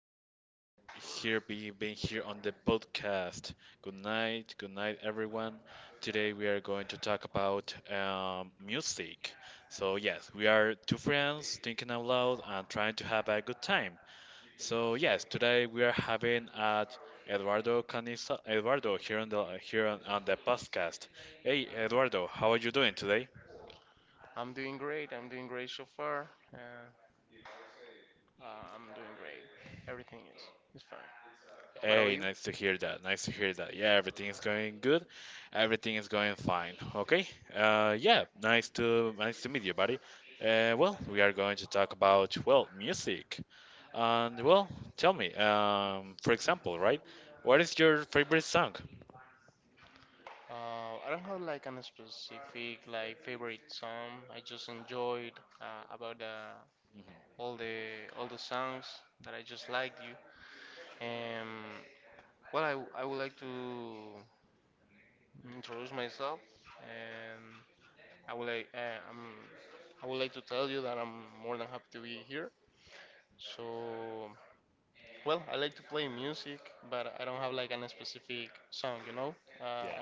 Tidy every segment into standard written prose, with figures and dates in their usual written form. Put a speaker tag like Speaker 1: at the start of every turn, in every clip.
Speaker 1: much for here being being here on the podcast. Good night. Good night, everyone. Today we are going to talk about music. So yes, we are two friends thinking out loud and trying to have a good time. So yes, today we are having at Eduardo Canisa Eduardo here on the on the podcast. Hey, Eduardo, how are you doing today? Hey, nice to hear that. Nice to hear that. Yeah, everything is going good. Everything is going fine. Okay. Yeah, nice to meet you, buddy. Well, we are going to talk about well, music. And well, tell me, for example, right? What is your favorite song? hmm Yeah,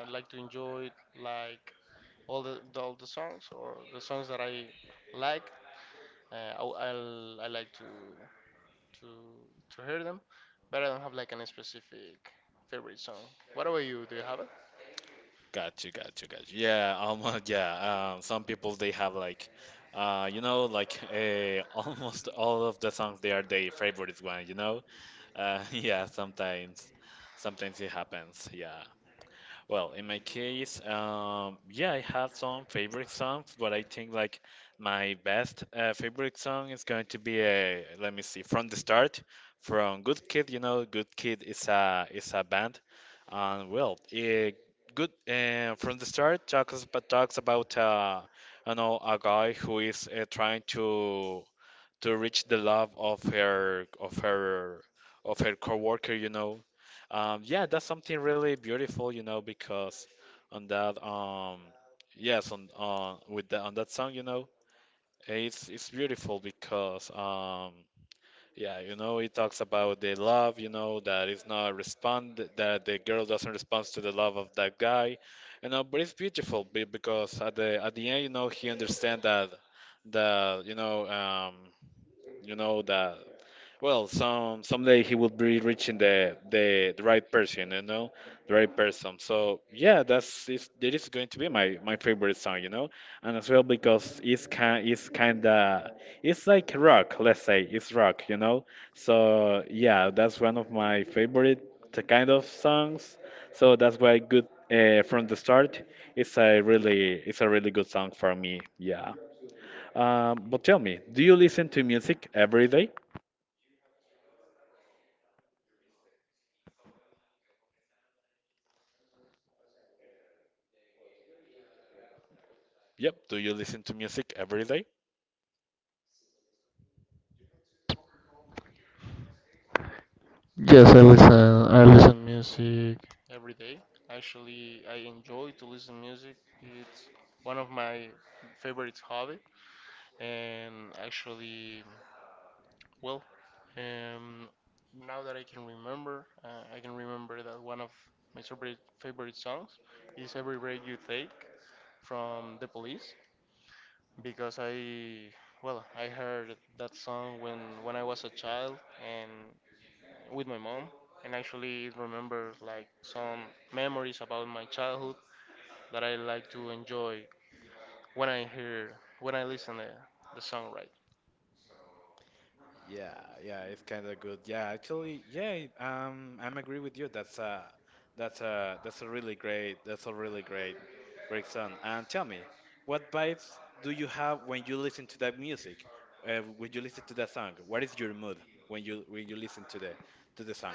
Speaker 1: got you. Yeah, almost. Yeah, some people they have like, like almost all of the songs they are their favorite one. You know, yeah, sometimes it happens. Yeah. Well, in my case, yeah, I have some favorite songs, but I think like my best favorite song is going to be a, let me see, from the start, from Good Kid. You know, Good Kid is a band, and well, it, good from the start talks about talks about you know, a guy who is trying to reach the love of her coworker, you know. Yeah, that's something really beautiful, you know, because on that yes on with the, on that song, you know, it's beautiful because yeah, you know, it talks about the love, you know, that is not respond, that the girl doesn't respond to the love of that guy, you know. But it's beautiful because at the end, you know, he understand that you know, you know that well, someday he will be reaching the right person, you know, the right person. So yeah, that's is that is going to be my favorite song, you know, and as well because it's kinda it's like rock, let's say it's rock, you know. So yeah, that's one of my favorite kind of songs. So that's why good from the start. It's a really good song for me. Yeah. But tell me, do you listen to music every day? Yep. Do you listen to music every day? Yeah, yeah, it's kind of good. Yeah, actually, yeah, I'm agree with you. That's a, that's a, that's a really great, that's a really great song. And tell me, what vibes do you have when you listen to that music? When you listen to that song, what is your mood when you listen to the song?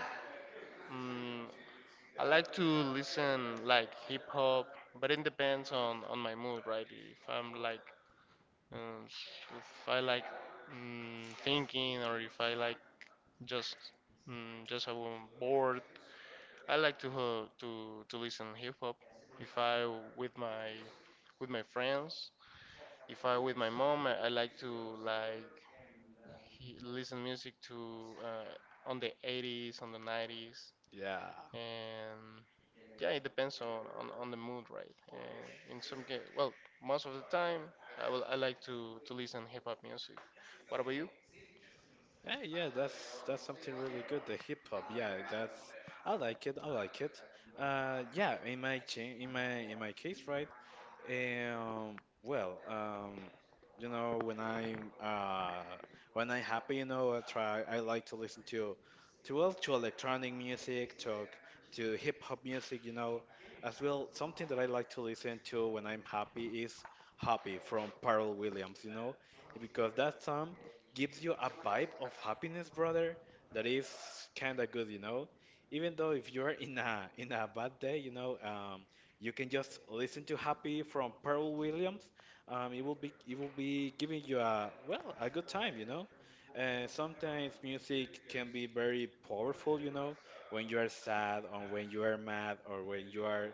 Speaker 1: Yeah. Yeah, yeah, that's something really good. The hip hop, yeah, that's I like it. I like it. Yeah, in my in my case, right? Well, you know, when I'm happy, you know, I try. I like to listen to electronic music, to hip hop music, you know, as well. Something that I like to listen to when I'm happy is "Happy" from Pharrell Williams, you know, because that song gives you a vibe of happiness, brother. That is kind of good, you know. Even though if you're in a bad day, you know. You can just listen to Happy from Pharrell Williams. It will be giving you a well a good time, you know. And sometimes music can be very powerful, you know, when you are sad or when you are mad or when you are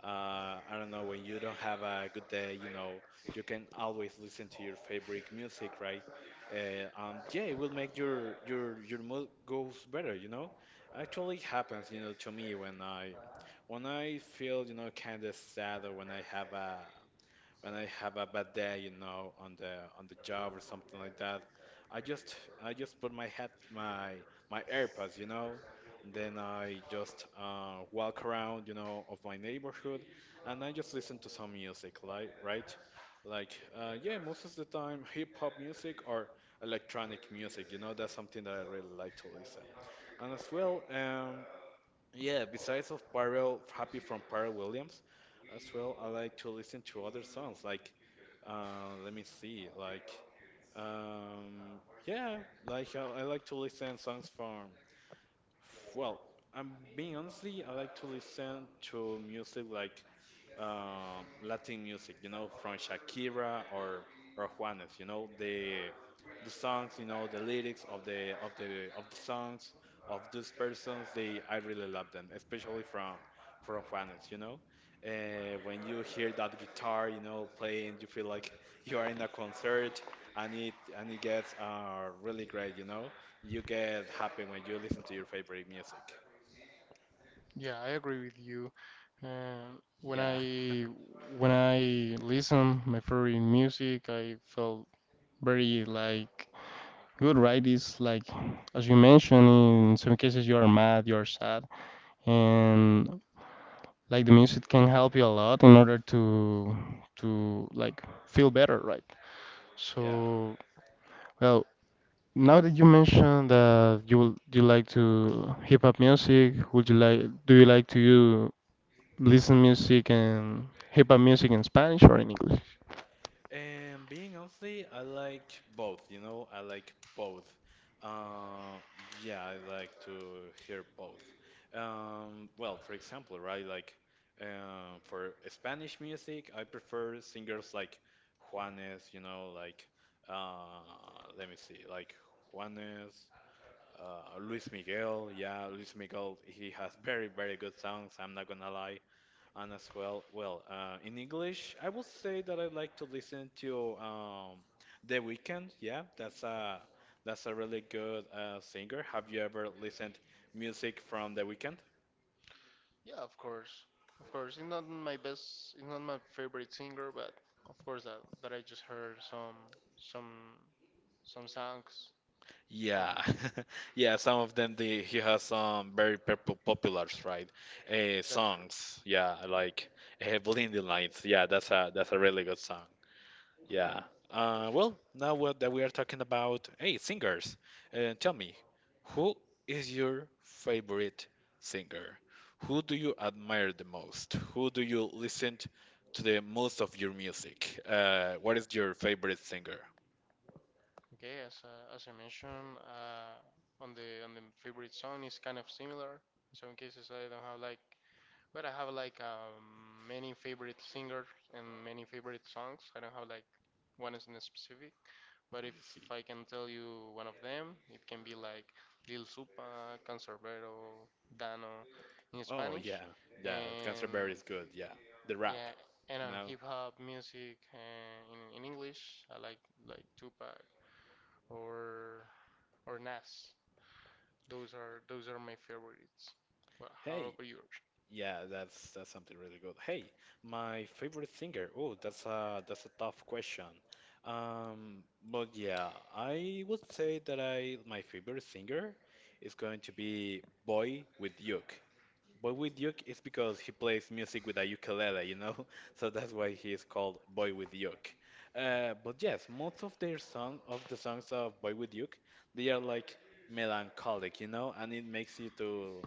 Speaker 1: I don't know, when you don't have a good day, you know, you can always listen to your favorite music, right? Yeah, it will make your your mood goes better, you know, actually happens, you know, to me when I feel, you know, kind of sad or when I have a when I have a bad day, you know, on the job or something like that, I just I just put my head my AirPods, you know, then I just walk around, you know, of my neighborhood, and I just listen to some music, like right, like yeah, most of the time hip hop music or electronic music, you know, that's something that I really like to listen. And as well, yeah, besides of Pharrell, Happy from Pharrell Williams, as well, I like to listen to other songs like, let me see, like, um, yeah, like I like to listen songs from, well, I'm being honestly, I like to listen to music like Latin music, you know, from Shakira or Juanes, you know, the songs, you know, the lyrics of the of the of the songs of these persons, they I really love them, especially from Juanes, you know. When you hear that guitar, you know, playing, you feel like you are in a concert, and it gets really great, you know. You get happy when you listen to your favorite music. Yeah, yeah. And being honestly, I like both, you know, I like both. Uh, yeah, I like to hear both. Well, for example, right, like for Spanish music, I prefer singers like Juanes, you know, like uh, let me see, like Juanes, Luis Miguel. Yeah, Luis Miguel, he has very, very good songs. I'm not gonna lie. And as well, well, in English, I would say that I like to listen to The Weeknd. Yeah, that's a really good singer. Have you ever listened music from The Weeknd? Yeah, yeah. Some of them, he has some very popular, right? Songs. Yeah, like Blinding Lights. Yeah, that's a really good song. Yeah. Well, now what that we are talking about, hey, singers, tell me, who is your favorite singer? Who do you admire the most? Who do you listen to the most of your music? What is your favorite singer? I see. Oh yeah, yeah. Cancer Bear is good. Yeah, the rap. You know. Hey, yeah, that's something really good. Hey, my favorite singer. Oh, that's a tough question. But yeah, I would say that I my favorite singer is going to be Boy with Duke. Boy with Duke is because he plays music with a ukulele, you know? So that's why he is called Boy with Duke. But yes, most of their song of the songs of Boy with Duke, they are like melancholic, you know, and it makes you to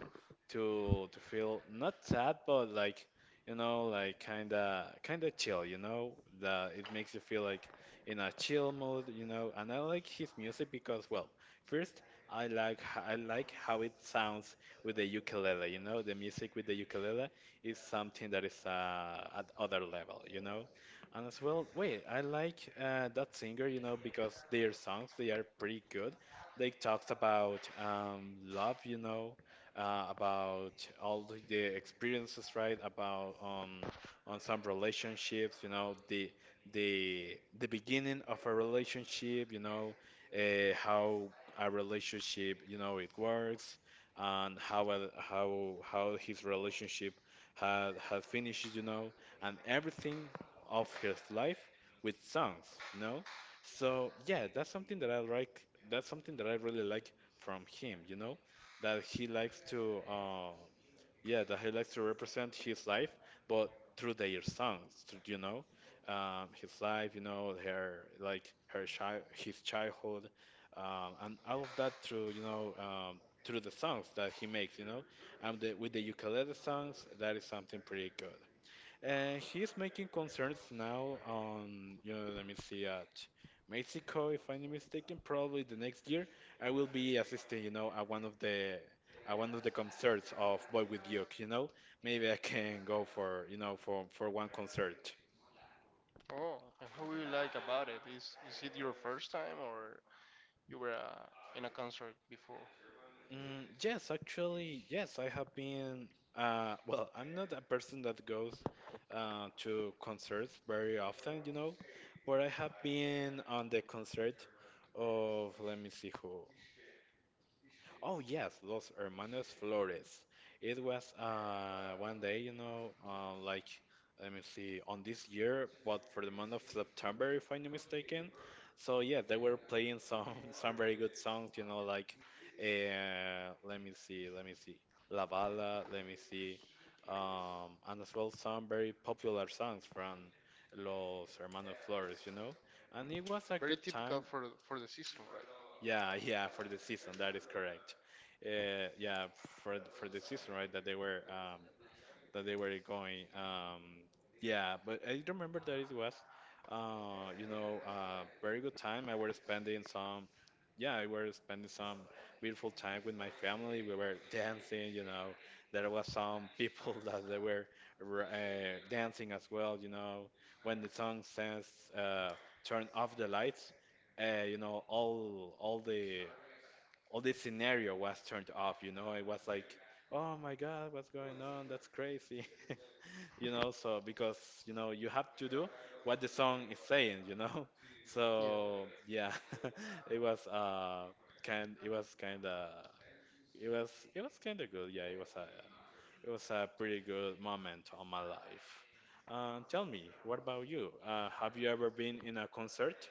Speaker 1: to feel not sad, but like you know, like kinda chill, you know? That it makes you feel like in a chill mood, you know. And I like his music because, well, first I like I like how it sounds with the ukulele, you know, the music with the ukulele is something that is at other level, you know. And as well, wait, I like that singer, you know, because their songs they are pretty good. They talked about love, you know, about all the experiences, right? About on some relationships, you know, the the beginning of a relationship, you know, how a relationship, you know, it works, and how his relationship had finished, you know, and everything of his life with songs, you know. So yeah, that's something that I like. That's something that I really like from him, you know, that he likes to. Yeah, that he likes to represent his life but through their songs through, you know, his life, you know, her like her child his childhood, and all of that through, you know, through the songs that he makes, you know, and with the ukulele songs that is something pretty good, and he's making concerts now on, you know, let me see, at Mexico, if I'm not mistaken, probably the next year. I will be assisting, you know, at one of the at one of the concerts of Boy with Duke, you know. Maybe I can go for, you know, for one concert. Mm, yes, actually, yes, I have been. Well, I'm not a person that goes to concerts very often, you know, but I have been on the concert of, let me see who. Oh yes, those Hermanos Flores. It was one day, you know, like let me see, on this year, but for the month of September, if I'm not mistaken. So yeah, they were playing some some very good songs, you know, like let me see, La Bala, let me see, and as well some very popular songs from Los Hermanos Flores, you know. And it was a good time. Yeah, yeah, for the season, that is correct. Yeah, for for the season, right? That they were going. Yeah, but I remember that it was, very good time. I were spending some, yeah, I were spending some beautiful time with my family. We were dancing, you know. There was some people that they were dancing as well, you know. When the song says, uh, "Turn off the lights," uh, you know, all all the all this scenario was turned off, you know? It was like, oh my God, what's going on? That's crazy. So because, you know, you have to do what the song is saying, you know? So yeah, it was uh kind it was kinda it was kinda good. Yeah, it was a pretty good moment on my life. Tell me, what about you? Have you ever been in a concert?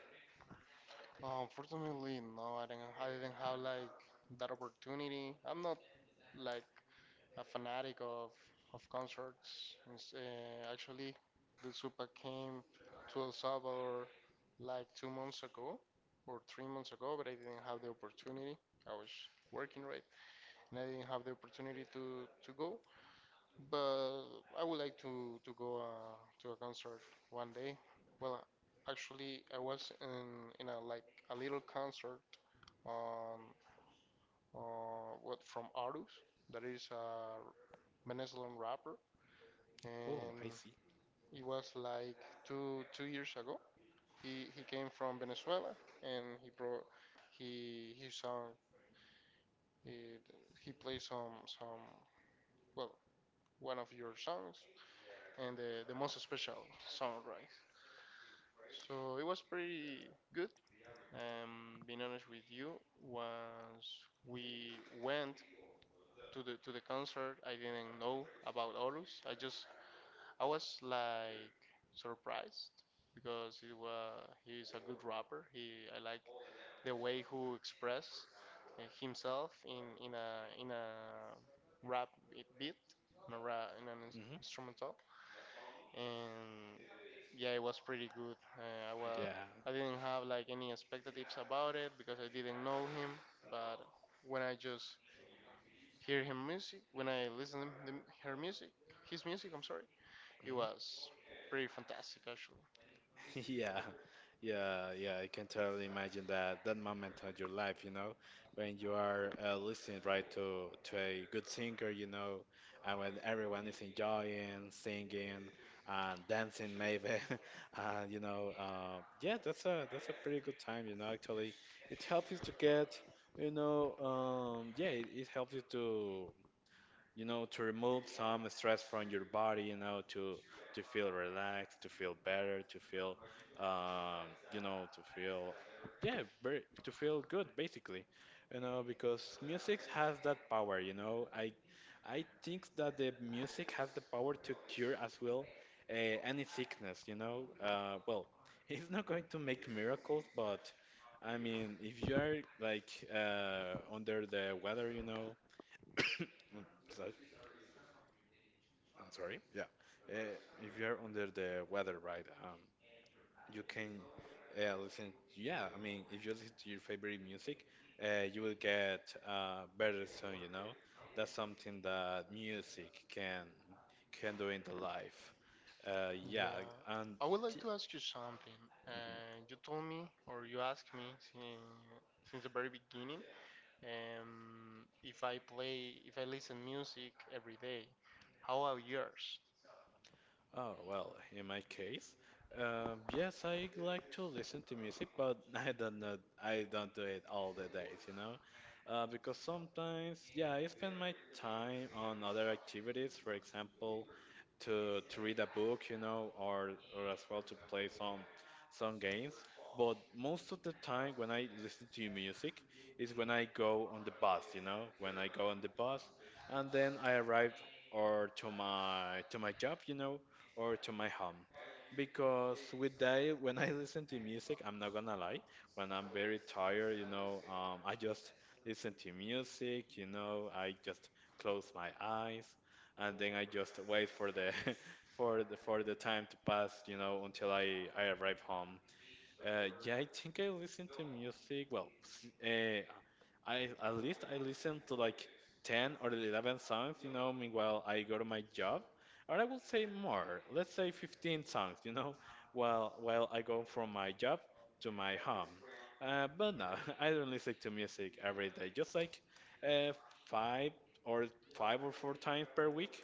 Speaker 1: Oh, I see. Hmm. Yeah. Mm-hmm. Yeah, yeah, yeah. I can totally imagine that moment of your life, you know, when you are listening right to a good singer, you know, and when everyone is enjoying, singing, and dancing, maybe, and yeah, that's a pretty good time, you know. Actually, it helps you to get, yeah, it helps you to to remove some stress from your body, you know, to feel relaxed, to feel better, to feel, to feel, yeah, to feel good, basically, you know, because music has that power, you know. I think that the music has the power to cure as well any sickness, you know. Well, it's not going to make miracles, but I mean, if you are like under the weather, you know. So- I'm sorry. Yeah. Uh, if you're under the weather, right? You can listen. Yeah, I mean, if you listen to your favorite music, you will get better soon. That's something that music can do in the life. Yeah, and yeah. Mm-hmm. Oh, well, in my case, yes, I like to listen to music, but I don't know, I don't do it all the days, you know? Because sometimes, yeah, I spend my time on other activities, for example, to read a book, you know, or as well to play some games. But most of the time when I listen to music is when I go on the bus, you know, when I go on the bus and then I arrive or to my job, you know, or to my home. Because with that, when I listen to music, I'm not gonna lie, when I'm very tired, you know, I just listen to music, you know, I just close my eyes and then I just wait for the for the time to pass, you know, until I arrive home. Yeah, I think I listen to music. Well, s- I at least I listen to like 10 or 11 songs, you know, meanwhile I go to my job. Or I will say more. Let's say 15 songs, you know, while I go from my job to my home. But no, I don't listen to music every day. Just like uh, five or five or four times per week.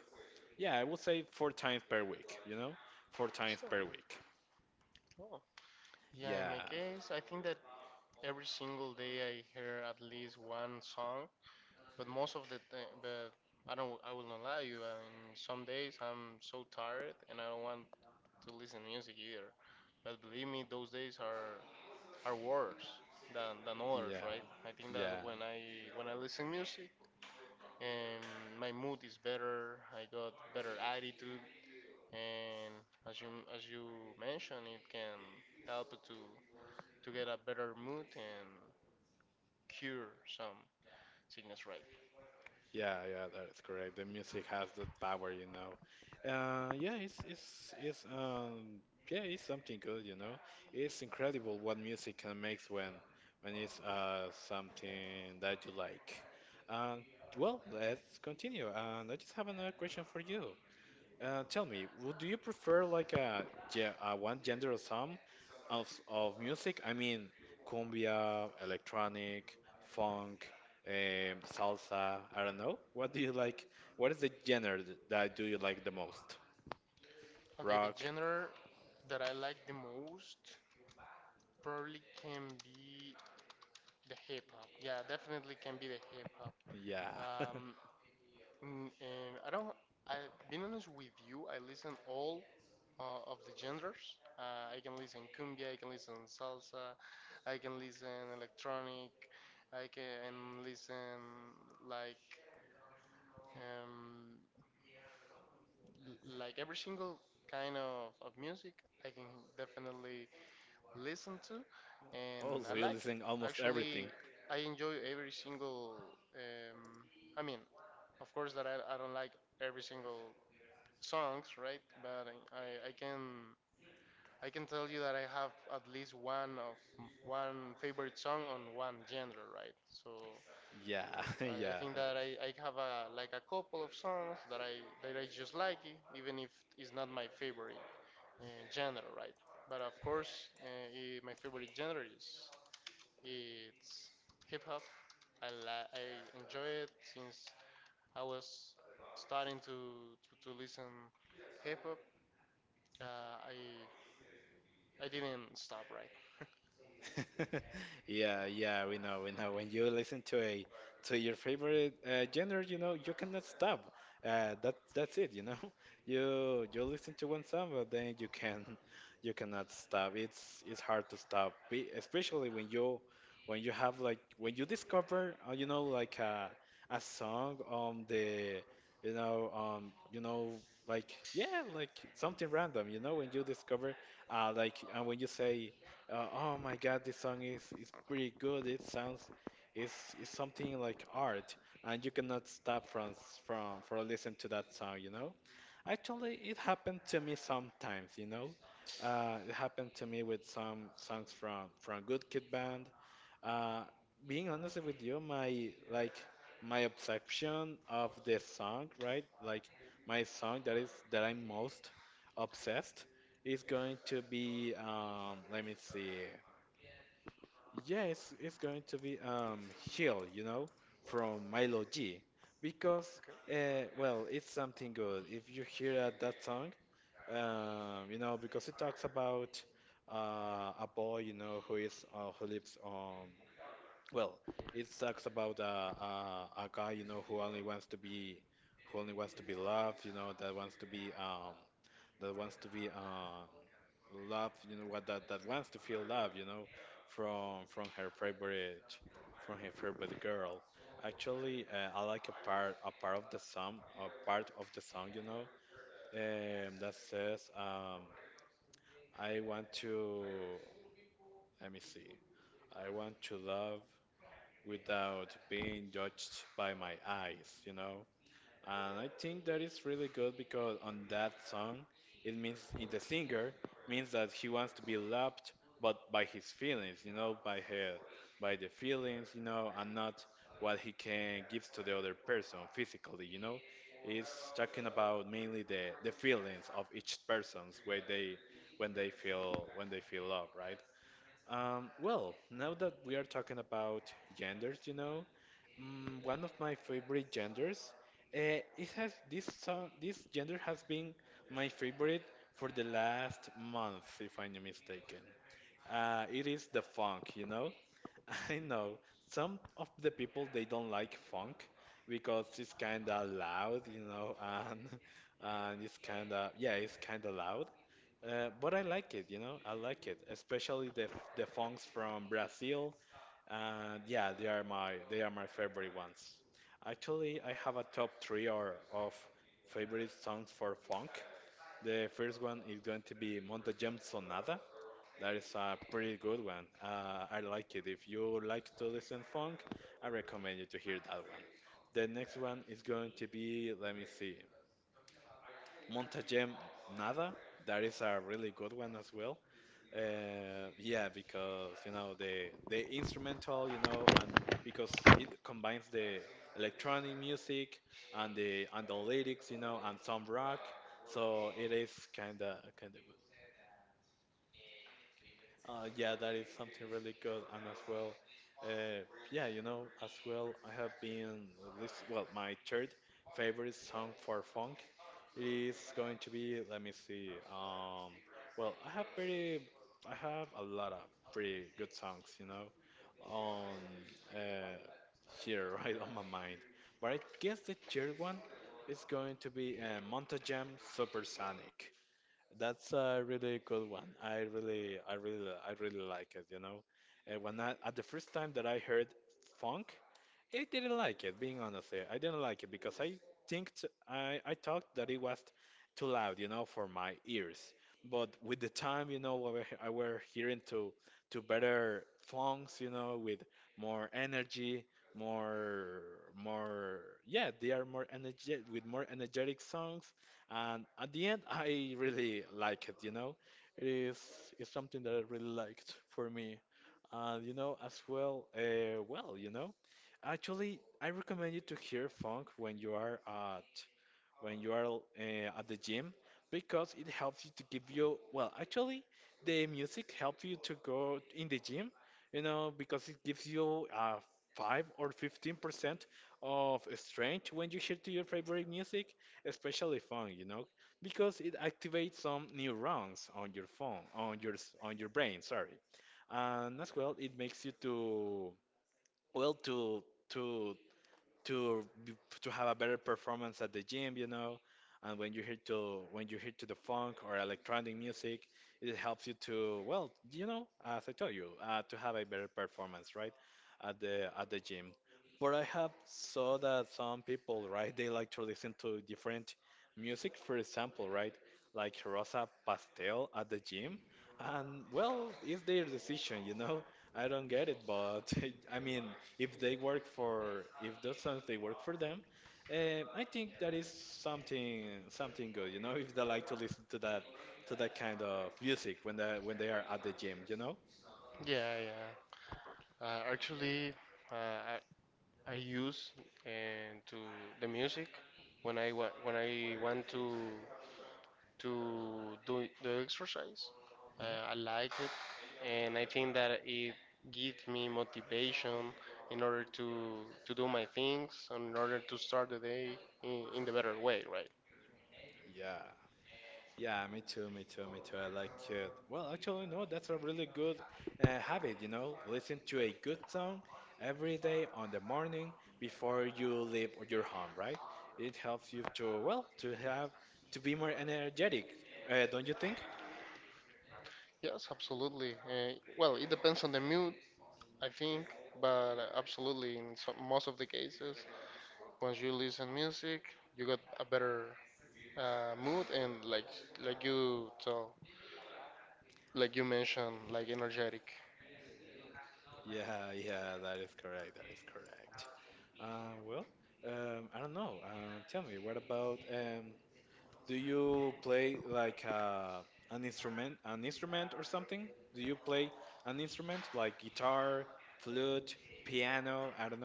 Speaker 1: Yeah, I would say four times per week, you know? Four times per week. Yeah, yeah, yeah, yeah, yeah, that is correct. The music has that power, you know. Yeah, it's something good, you know. It's incredible what music can make when it's something that you like. And well, let's continue. And I just have another question for you. Tell me, would do you prefer like a one gender or some of music, I mean cumbia, electronic, funk, salsa? I don't know. What do you like? What is the genre that do you like the most? Rock. Yeah. Oh, so you listen almost everything. Yeah, yeah. Yeah, yeah, we know, we know. When you listen to your favorite genre, you know, you cannot stop. That's it, you know. You listen to one song, but then you cannot stop. It's hard to stop, especially when you have like when you discover, like a song on the you know um you know like something random, you know, when you discover like and when you say. Oh my God, this song is pretty good. It sounds is something like art, and you cannot stop from from listening to that song, you know? Actually, it happened to me sometimes, you know? It happened to me with some songs from Good Kid Band. Uh, Being honest with you, my obsession of this song, right? Like my song that I'm most obsessed is going to be let me see, yeah, it's going to be heal, you know, from Milo G, because well, it's something good. If you hear that song, you know, because it talks about a boy, you know, who lives on. Well, it talks about a guy, you know, who only wants to be loved, you know, that wants to be loved, you know, what that that wants to feel love, you know, from from her favorite from her favorite girl. Actually, I like a part of the song, you know, that says, "I want to." Let me see. I want to love without being judged by my eyes, you know. And I think that is really good because on that song, it means in the singer means that he wants to be loved, but by his feelings, you know, by her, by the feelings, you know, and not what he can give to the other person physically, you know. It's talking about mainly the feelings of each person's when they feel love, right? Well, now that we are talking about genders, you know, one of my favorite genders. It has this song, this gender has been my favorite for the last month, if I'm not mistaken. It is the funk, you know? I know some of the people they don't like funk because it's kinda loud, you know, and and it's kinda loud. But I like it, you know, I like it, especially the funks from Brazil and yeah, they are my favorite ones. Actually, I have a top three or of favorite songs for funk. The first one is going to be Montajam Sonata. That is a pretty good one. I like it. If you like to listen funk, I recommend you to hear that one. The next one is going to be, let me see, Montajam Nada. That is a really good one as well. Yeah, because you know the instrumental, you know, and because it combines the electronic music and the lyrics, you know, and some rock, so it is kind of good. Yeah, that is something really good, and as well, uh, as well, I have been list well, my third favorite song for funk it is going to be, let me see, well, I have a lot of pretty good songs, you know, on uh, here right on my mind, but I guess the third one is going to be Montajam Supersonic. That's a really good one. I really, I really, I really like it. You know, and when I at the first time that I heard funk, I didn't like it, being honest here. I didn't like it because I think t I thought that it was too loud, you know, for my ears. But with the time, you know, I were hearing to better songs, you know, with more energy, more more yeah, they are more energetic with more energetic songs. And at the end, I really like it, you know. It is it's something that I really liked for me. You know, as well, well, you know, actually, I recommend you to hear funk when you are when you are at the gym because it helps you to give you well, actually, the music helps you to go in the gym, you know, because it gives you 5 or 15% of strength when you hear to your favorite music, especially fun, you know, because it activates some neurons on your phone on your s- on your brain, sorry. And as well, it makes you to well to to have a better performance at the gym, you know. And when you hear to the funk or electronic music, it helps you to well, you know, as I told you, to have a better performance, right, at the gym. But I have saw that some people, right, they like to listen to different music. For example, right, like Rosa Pastel at the gym, and well, it's their decision, you know. I don't get it, but I mean, if they work for if those songs, they work for them, I think that is something good, you know. if they like to listen to that kind of music when they are at the gym, you know.
Speaker 2: Yeah, yeah. Uh, actually, uh, I, I use and to the music when when I want to do the exercise.
Speaker 1: hmm
Speaker 2: I like it, and I think that it gives me motivation in order to do my things and in order to start the day in the better way, right?
Speaker 1: yeah, yeah, me too, me too. I like it. Well, actually, no, that's a really good habit, you know. Listen to a good song every day on the morning before you leave your home, right? It helps you to well to have to be more energetic, don't you think?
Speaker 2: Yes, absolutely. Well, it depends on the mood, I think, but absolutely in some, most of the cases. Once you listen music, you got a better mood and like you told, like you mentioned, like energetic.
Speaker 1: Yeah, yeah, that is correct. That is correct. Uh, well, I don't know. Tell me, what about do you play like an instrument, or something? Do you play an instrument like guitar, flute, piano? I don't know.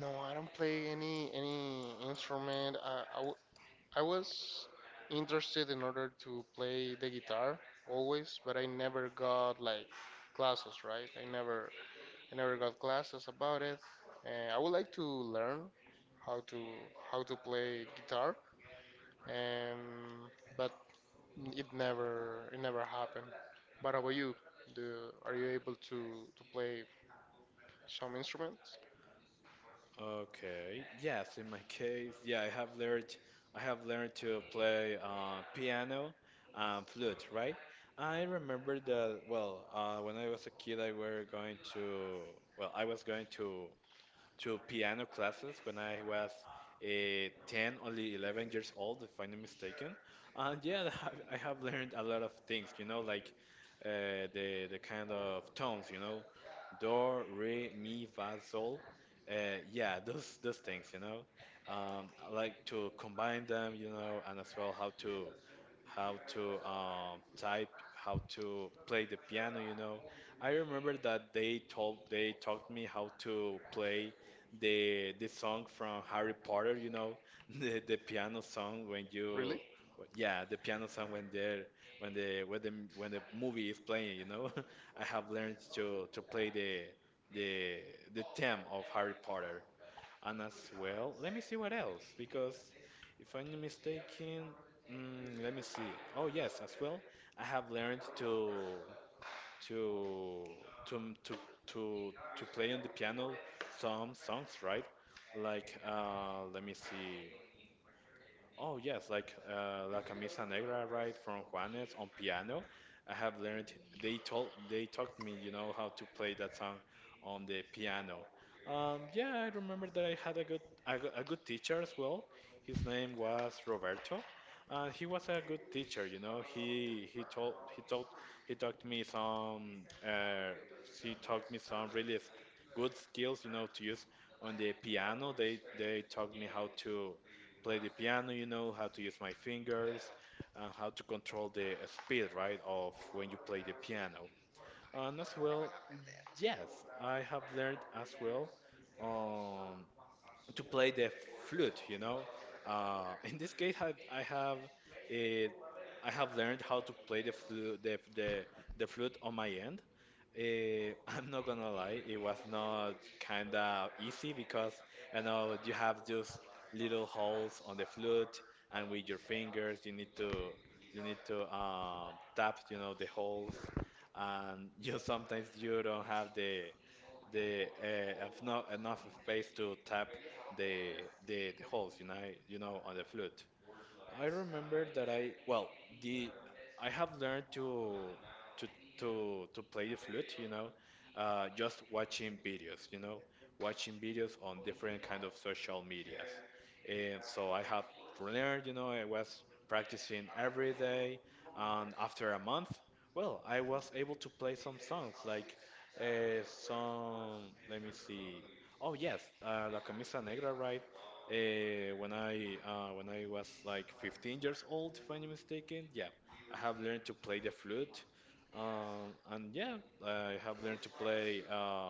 Speaker 2: No, I don't play any instrument. I was interested in order to play the guitar always, but I never got like classes, right? I never got classes about it. And I would like to learn how to how to play guitar, and but it never happened. But about you? Do are you able to play some instruments?
Speaker 1: Okay. Yes, in my case, yeah, I have learned to play piano and flute, right? I remember that when I was a kid, I was going to piano classes when I was 10, only 11 years old, if I'm not mistaken. And yeah, I have learned a lot of things, you know, like the kind of tones, you know, do, re, mi, fa, sol. Yeah, those things, you know. I like to combine them, you know, and as well how to play the piano. You know, I remember that they taught me how to play the song from Harry Potter. You know, the piano song when you
Speaker 2: Really?
Speaker 1: yeah the piano song when they when the when the when the movie is playing. You know, I have learned to play the the theme of Harry Potter. And as well, let me see what else, because if I'm not mistaken, let me see. Oh yes, as well, I have learned to to to to play on the piano some songs, right? Like let me see. Oh yes, like La Camisa Negra, right, from Juanes on piano. I have learned. They taught me, you know, how to play that song on the piano. Yeah, I remember that I had a good teacher as well. His name was Roberto. He was a good teacher, you know. He told he told he taught me some really good skills, you know, to use on the piano. They taught me how to play the piano, you know, how to use my fingers, and how to control the speed, right, of when you play the piano. And as well, yes, I have learned as well um, to play the flute, you know. In this case, it, I have learned how to play the flute, the flute on my end. I'm not gonna lie, it was not kind of easy because you know you have just little holes on the flute, and with your fingers you need to tap, you know, the holes, and you sometimes you don't have the enough space to tap the the holes, you know, on the flute. I remember that I well the I have learned to to play the flute, you know, just watching videos, you know, watching videos on different kind of social medias, and so I have learned, you know, I was practicing every day, and after a month, well, I was able to play some songs like some let me see, oh yes, La Camisa Negra, right? When I was like 15 years old, if I'm not mistaken, yeah, I have learned to play the flute, and yeah, I have learned to play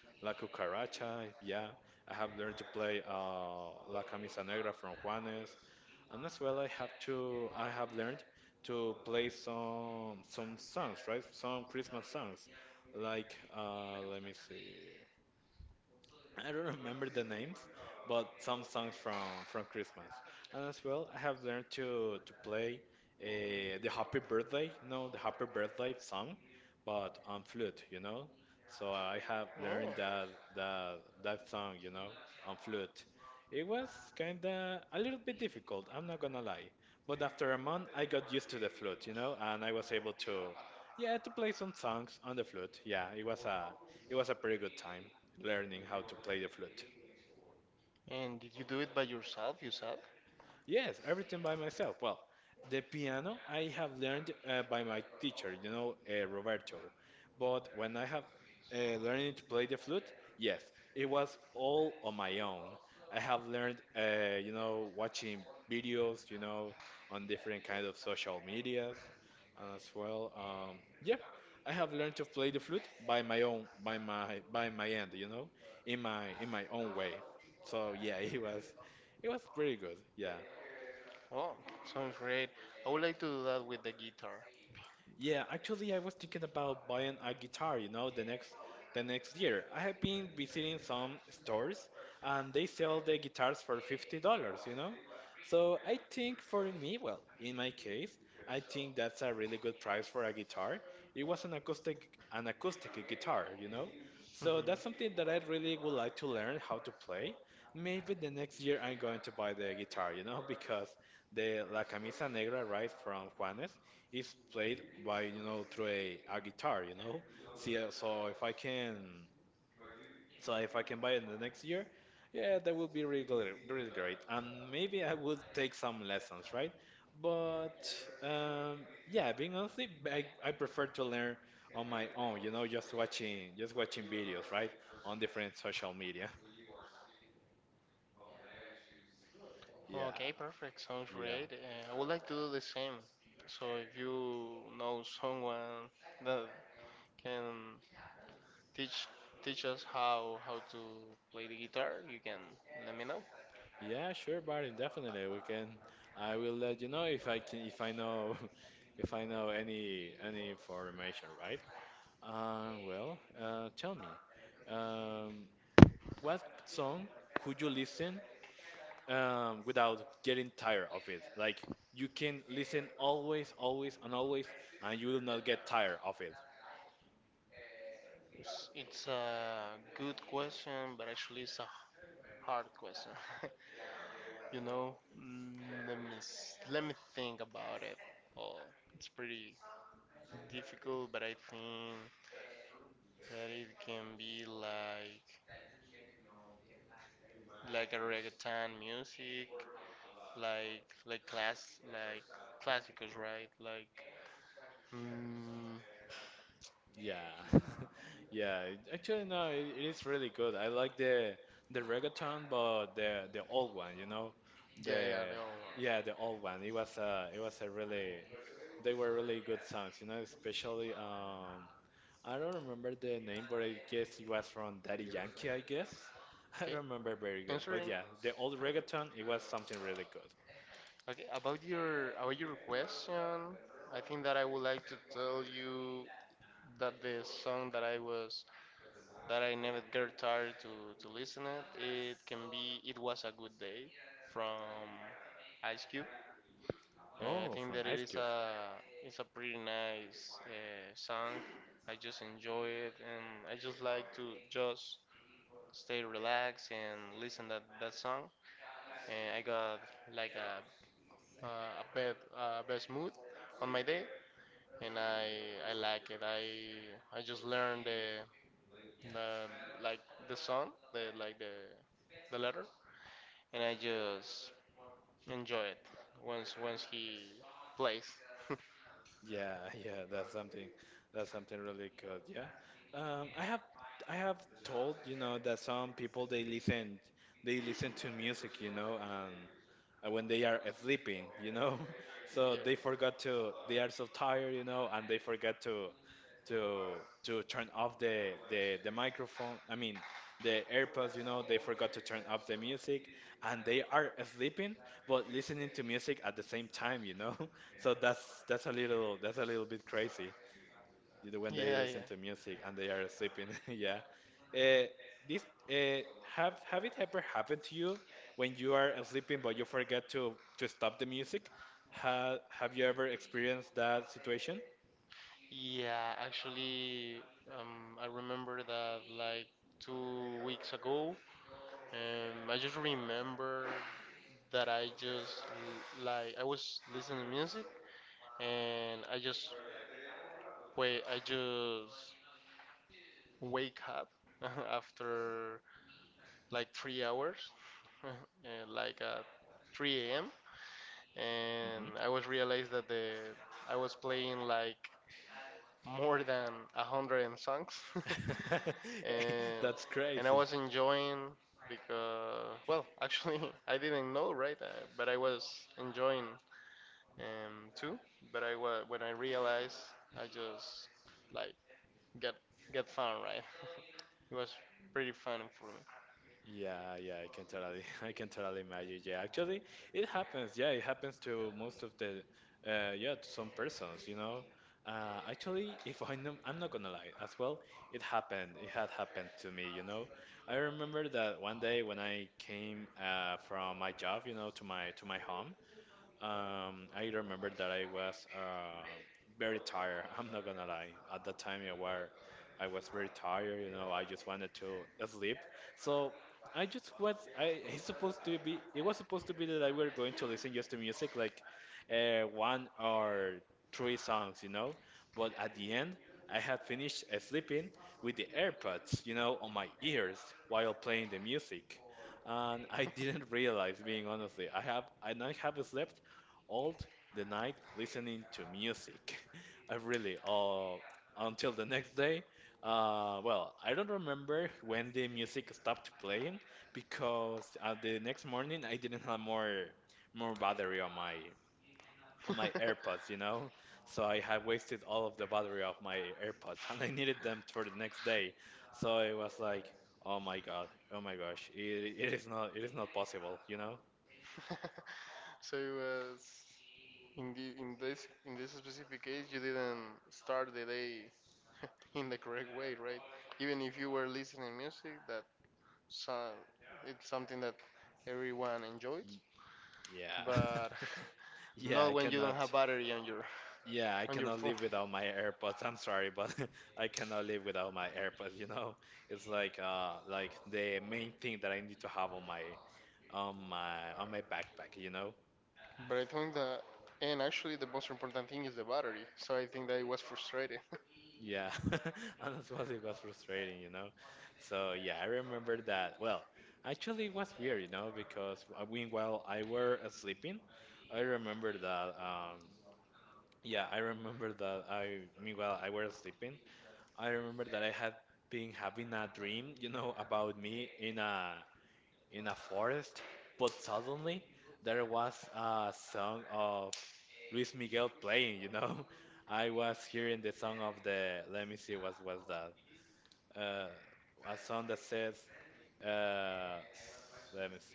Speaker 1: La Cucaracha. Yeah, I have learned to play La Camisa Negra from Juanes, and as well, I have learned to play some songs, right? Some Christmas songs, like let me see. I don't remember the names, but some songs from Christmas. And as well, I have learned to play the Happy Birthday, you know, the Happy Birthday song, but on flute, you know. So I have learned
Speaker 2: Oh,
Speaker 1: that that song, you know, on flute. It was kinda a little bit difficult, I'm not gonna lie. But after a month, I got used to the flute, you know, and I was able to, yeah, to play some songs on the flute. Yeah, it was a pretty good time learning how to play the flute.
Speaker 2: and did you do it by yourself, you said?
Speaker 1: Yes, everything by myself. Well, the piano I have learned by my teacher, you know, Roberto. But when I have learning to play the flute, yes, it was all on my own. I have learned, you know, watching videos, you know, on different kind of social medias, and as well, yep, I have learned to play the flute by my own, by my end, you know, in my own way. So yeah, it was pretty good. Yeah.
Speaker 2: Oh, sounds great. I would like to do that with the guitar.
Speaker 1: Yeah, actually, I was thinking about buying a guitar, you know, the next year. I have been visiting some stores and they sell the guitars for $50, you know? So I think for me, well, in my case, I think that's a really good price for a guitar. It was an acoustic guitar, you know? So that's something that I really would like to learn how to play. Maybe the next year I'm going to buy the guitar, you know, because the La Camisa Negra, right, from Juanes, it's played by, you know, through a guitar, you know. See, so if I can buy it in the next year, yeah, that would be really great, really great. And maybe I would take some lessons, right? But yeah, being honestly, I prefer to learn on my own, you know, just watching videos, right, on different social media. Yeah,
Speaker 2: Okay, perfect. Sounds
Speaker 1: yeah.
Speaker 2: great. I would like to do the same. So if you know someone that can teach teach us how to play the guitar, you can let me know.
Speaker 1: Yeah, sure, buddy. Definitely, we can. I will let you know if I can, if I know, if I know any information, right? Tell me, um, what song could you listen without getting tired of it? Like you can listen always, always, and always, and you will not get tired of it.
Speaker 2: It's a good question, but actually it's a hard question. you know, mm, let me think about it. Oh, it's pretty difficult, but I think that it can be like a reggaeton music, like class classicals, right? Like mm,
Speaker 1: Yeah, yeah. Actually, no, it is really good. I like the reggaeton, but the old one, you know,
Speaker 2: yeah,
Speaker 1: the
Speaker 2: yeah, the old
Speaker 1: yeah,
Speaker 2: one.
Speaker 1: the old one. It was a really they were really good songs, you know, especially I don't remember the name, but I guess it was from Daddy Yankee, I guess. I don't
Speaker 2: Okay,
Speaker 1: remember very good, but yeah,
Speaker 2: answering
Speaker 1: the old reggaeton, it was something really good.
Speaker 2: Okay, about your question, I think that I would like to tell you that the song that I never get tired to listen it. It can be "It Was a Good Day" from Ice Cube.
Speaker 1: Oh,
Speaker 2: I
Speaker 1: from
Speaker 2: think
Speaker 1: Ice
Speaker 2: that it
Speaker 1: Cube.
Speaker 2: is a pretty nice song. I just enjoy it, and I just like to just stay relaxed and listen that song. And I got like uh, a bad best mood on my day, and I like it. I just learned the like the song, the like the letter, and I just enjoy it once he plays.
Speaker 1: Yeah, yeah, that's something really good, yeah. Um, I have I have told, you know, that some people they listen to music, you know, and when they are sleeping, you know. So they
Speaker 2: yeah,
Speaker 1: forgot to they are so tired, you know, and they forget to to turn off the microphone. I mean the AirPods. You know they forgot to turn off the music, and they are sleeping but listening to music at the same time. You know, so that's that's a little bit crazy, you know, when they listen
Speaker 2: yeah,
Speaker 1: to
Speaker 2: yeah.
Speaker 1: music and they are sleeping. yeah. Uh, this Have it ever happened to you when you are sleeping but you forget to stop the music? Have you ever experienced that situation?
Speaker 2: Yeah, actually, I remember that like 2 weeks ago. I just remember that I just like I was listening to music and I just wait. I just wake up after like 3 hours, and like at 3 a.m.
Speaker 1: Mm-hmm.
Speaker 2: and I was realized that the I was playing like more than a hundred and songs,
Speaker 1: Yeah, that's
Speaker 2: and
Speaker 1: crazy.
Speaker 2: and I was enjoying because well actually I didn't know right but I was enjoying too but I was when I realized I just like Get get fun, right? It was pretty fun for me.
Speaker 1: Yeah, yeah, I can totally imagine. Yeah, actually, it happens. Yeah, it happens to yeah, to some persons, you know. Actually, if I know, I'm not gonna lie, as well, it happened. It had happened to me, you know. I remember that one day when I came from my job, you know, to my home. I remember that I was very tired. I'm not gonna lie. At that time, I was very tired. You know, I just wanted to sleep. So I just was. I It's supposed to be. It was supposed to be that I were going to listen just to music, like one or three songs, you know. But at the end, I had finished sleeping with the AirPods, you know, on my ears while playing the music, and I didn't realize, being honestly, I have slept all the night listening to music. I really, until the next day. Well, I don't remember when the music stopped playing because the next morning I didn't have more battery on my AirPods, you know. So I had wasted all of the battery of my AirPods, and I needed them for the next day. So it was like, oh my God, oh my gosh, it is not possible, you know.
Speaker 2: So it was in the in this specific case you didn't start the day in the correct way, right? Even if you were listening music that so, it's something that everyone
Speaker 1: Y-
Speaker 2: enjoys,
Speaker 1: Yeah,
Speaker 2: but
Speaker 1: yeah, I
Speaker 2: not when you
Speaker 1: cannot.
Speaker 2: don't have battery on your
Speaker 1: Yeah, I cannot
Speaker 2: on
Speaker 1: live
Speaker 2: your phone.
Speaker 1: without my AirPods. I'm sorry, but I cannot live without my AirPods, you know? It's like the main thing that I need to have on my backpack, you know?
Speaker 2: But I think that, and actually, the most important thing is the battery. So I think that it was frustrating.
Speaker 1: Yeah. And as well it was frustrating, you know? So yeah, I remember that. Well, actually it was weird, you know, because when while I were sleeping. I remember that yeah, I remember that I meanwhile I were sleeping. I remember that I had been having a dream, you know, about me in a forest, but suddenly there was a song of Luis Miguel playing, you know. I was hearing the song of the let me see what was that. Uh, a song that says let me see.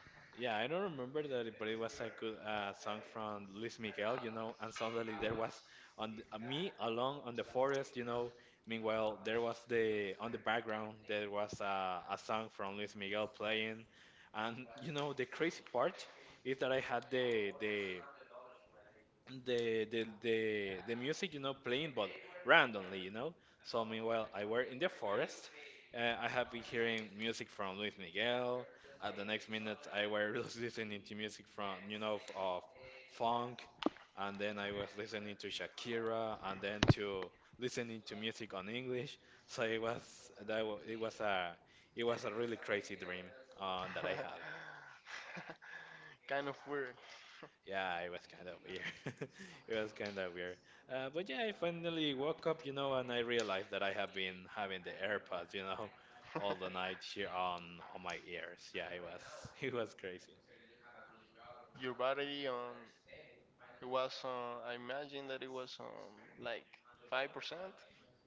Speaker 1: Yeah, I don't remember that, but it was a good song from Luis Miguel, you know. And suddenly there was me alone on the forest, you know. Meanwhile, there was the on the background there was a song from Luis Miguel playing, and you know the crazy part is that I had the music, you know, playing, but randomly, you know. So meanwhile I were in the forest, I have been hearing music from Luis Miguel. At the next minute I were listening to music from, you know, of funk, and then I was listening to Shakira and then to listening to music on English. So it was that, it was a really crazy dream that I had.
Speaker 2: Kind of weird.
Speaker 1: Yeah, it was kind of weird. It was kind of weird. But yeah, I finally woke up, you know, and I realized that I have been having the AirPods, you know, all the night here on my ears. Yeah, it was it was crazy.
Speaker 2: Your battery on it was on. I imagine that it was on like 5%.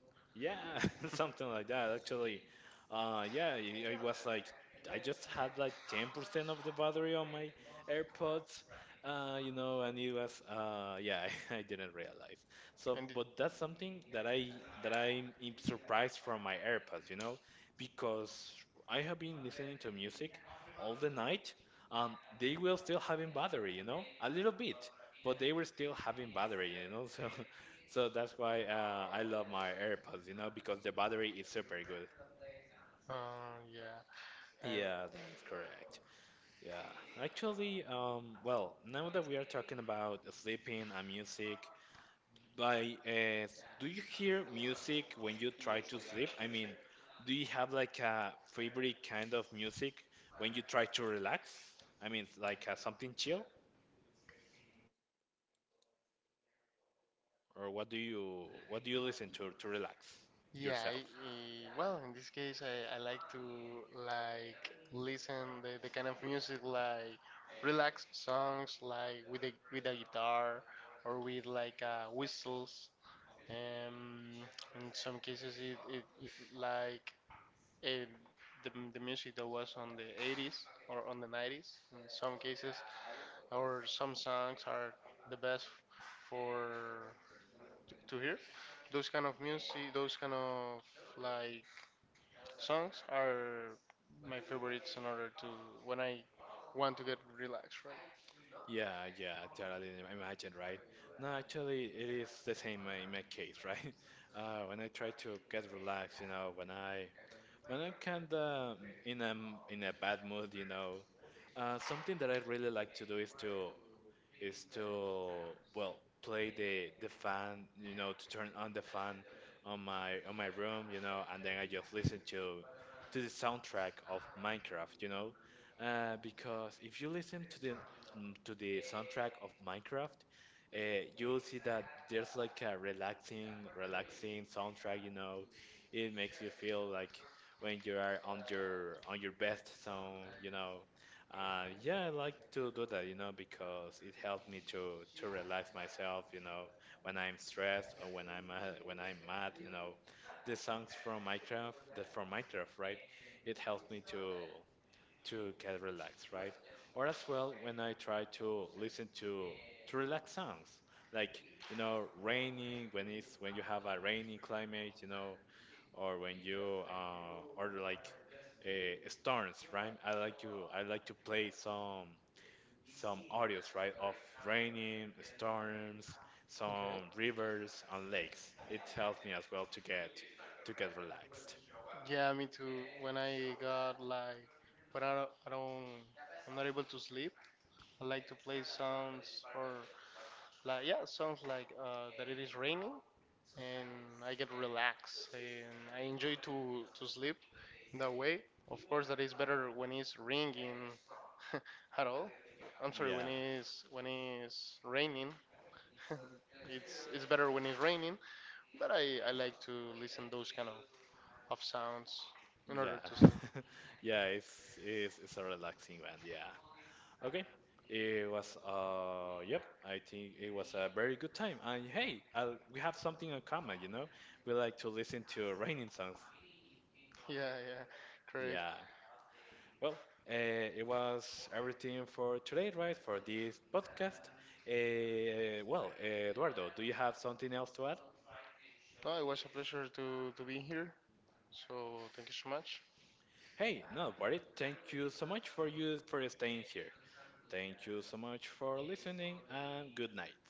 Speaker 1: Yeah, something like that actually. Yeah, it was like I just had like 10% of the battery on my AirPods, you know, and it was yeah, didn't realize. So, but
Speaker 2: And it,
Speaker 1: that's something that I that I'm surprised from my AirPods, you know, because I have been listening to music all the night. They were still having battery, you know, a little bit, but they were still having battery, you know. So that's why I love my AirPods, you know, because the battery is super good.
Speaker 2: yeah,
Speaker 1: Yeah, that is correct. Yeah, actually, well, now that we are talking about sleeping and music, like, do you hear music when you try to sleep? I mean, do you have like a favorite kind of music when you try to relax? I mean, like something chill, or what do you listen to relax yourself?
Speaker 2: yeah, well, in this case, I like to like listen the kind of music like relaxed songs like with a guitar or with like whistles. Um, in some cases, it like eh, the music that was on the 80s or on the 90s. In some cases, or some songs are the best for to hear those kind of music, those kind of like songs are my favorites in order to when I want to get relaxed, right?
Speaker 1: Yeah, yeah, totally imagine, right? No, actually, it is the same in my case, right? When I try to get relaxed, you know, when I when I'm kind of in in a bad mood, you know, something that I really like to do is to well play the fan, you know, to turn on the fan on my room, you know, and then I just listen to the soundtrack of Minecraft, you know, because if you listen to to the soundtrack of Minecraft, you'll see that there's like a relaxing soundtrack, you know. It makes you feel like when you are on your best zone, you know. Yeah, I like to do that, you know, because it helps me to relax myself, you know, when I'm stressed or when I'm mad, you know, the songs from Minecraft, the from Minecraft, right? It helps me to get relaxed, right? Or as well when I try to listen to relax songs, like, you know, rainy, when you have a rainy climate, you know, or when you order like storms, right? I like to play some audios, right, of raining, storms, some
Speaker 2: Okay.
Speaker 1: rivers and lakes. It helps me as well to get relaxed.
Speaker 2: Yeah, me too. When I got like when I'm not able to sleep, I like to play songs or like yeah, songs like that it is raining and I get relaxed and I enjoy to sleep in that way. Of course, that is better when it's ringing at all. I'm
Speaker 1: Yeah,
Speaker 2: sorry, when it's raining it's better when it's raining, but I like to listen those kind of sounds
Speaker 1: yeah,
Speaker 2: in order to sleep.
Speaker 1: yeah. It's a relaxing one. Yeah. Okay. It was yep. I think it was a very good time. And hey, I we have something in common, you know. We like to listen to raining songs.
Speaker 2: Yeah, yeah,
Speaker 1: Yeah.
Speaker 2: correct.
Speaker 1: Well, uh, it was everything for today, right? For this podcast. Well, Eduardo, do you have something else to add?
Speaker 2: No, it was a pleasure to be here. So thank you so much.
Speaker 1: Hey, no, worry. Thank you so much for you for staying here. Thank you so much for listening, and good nights.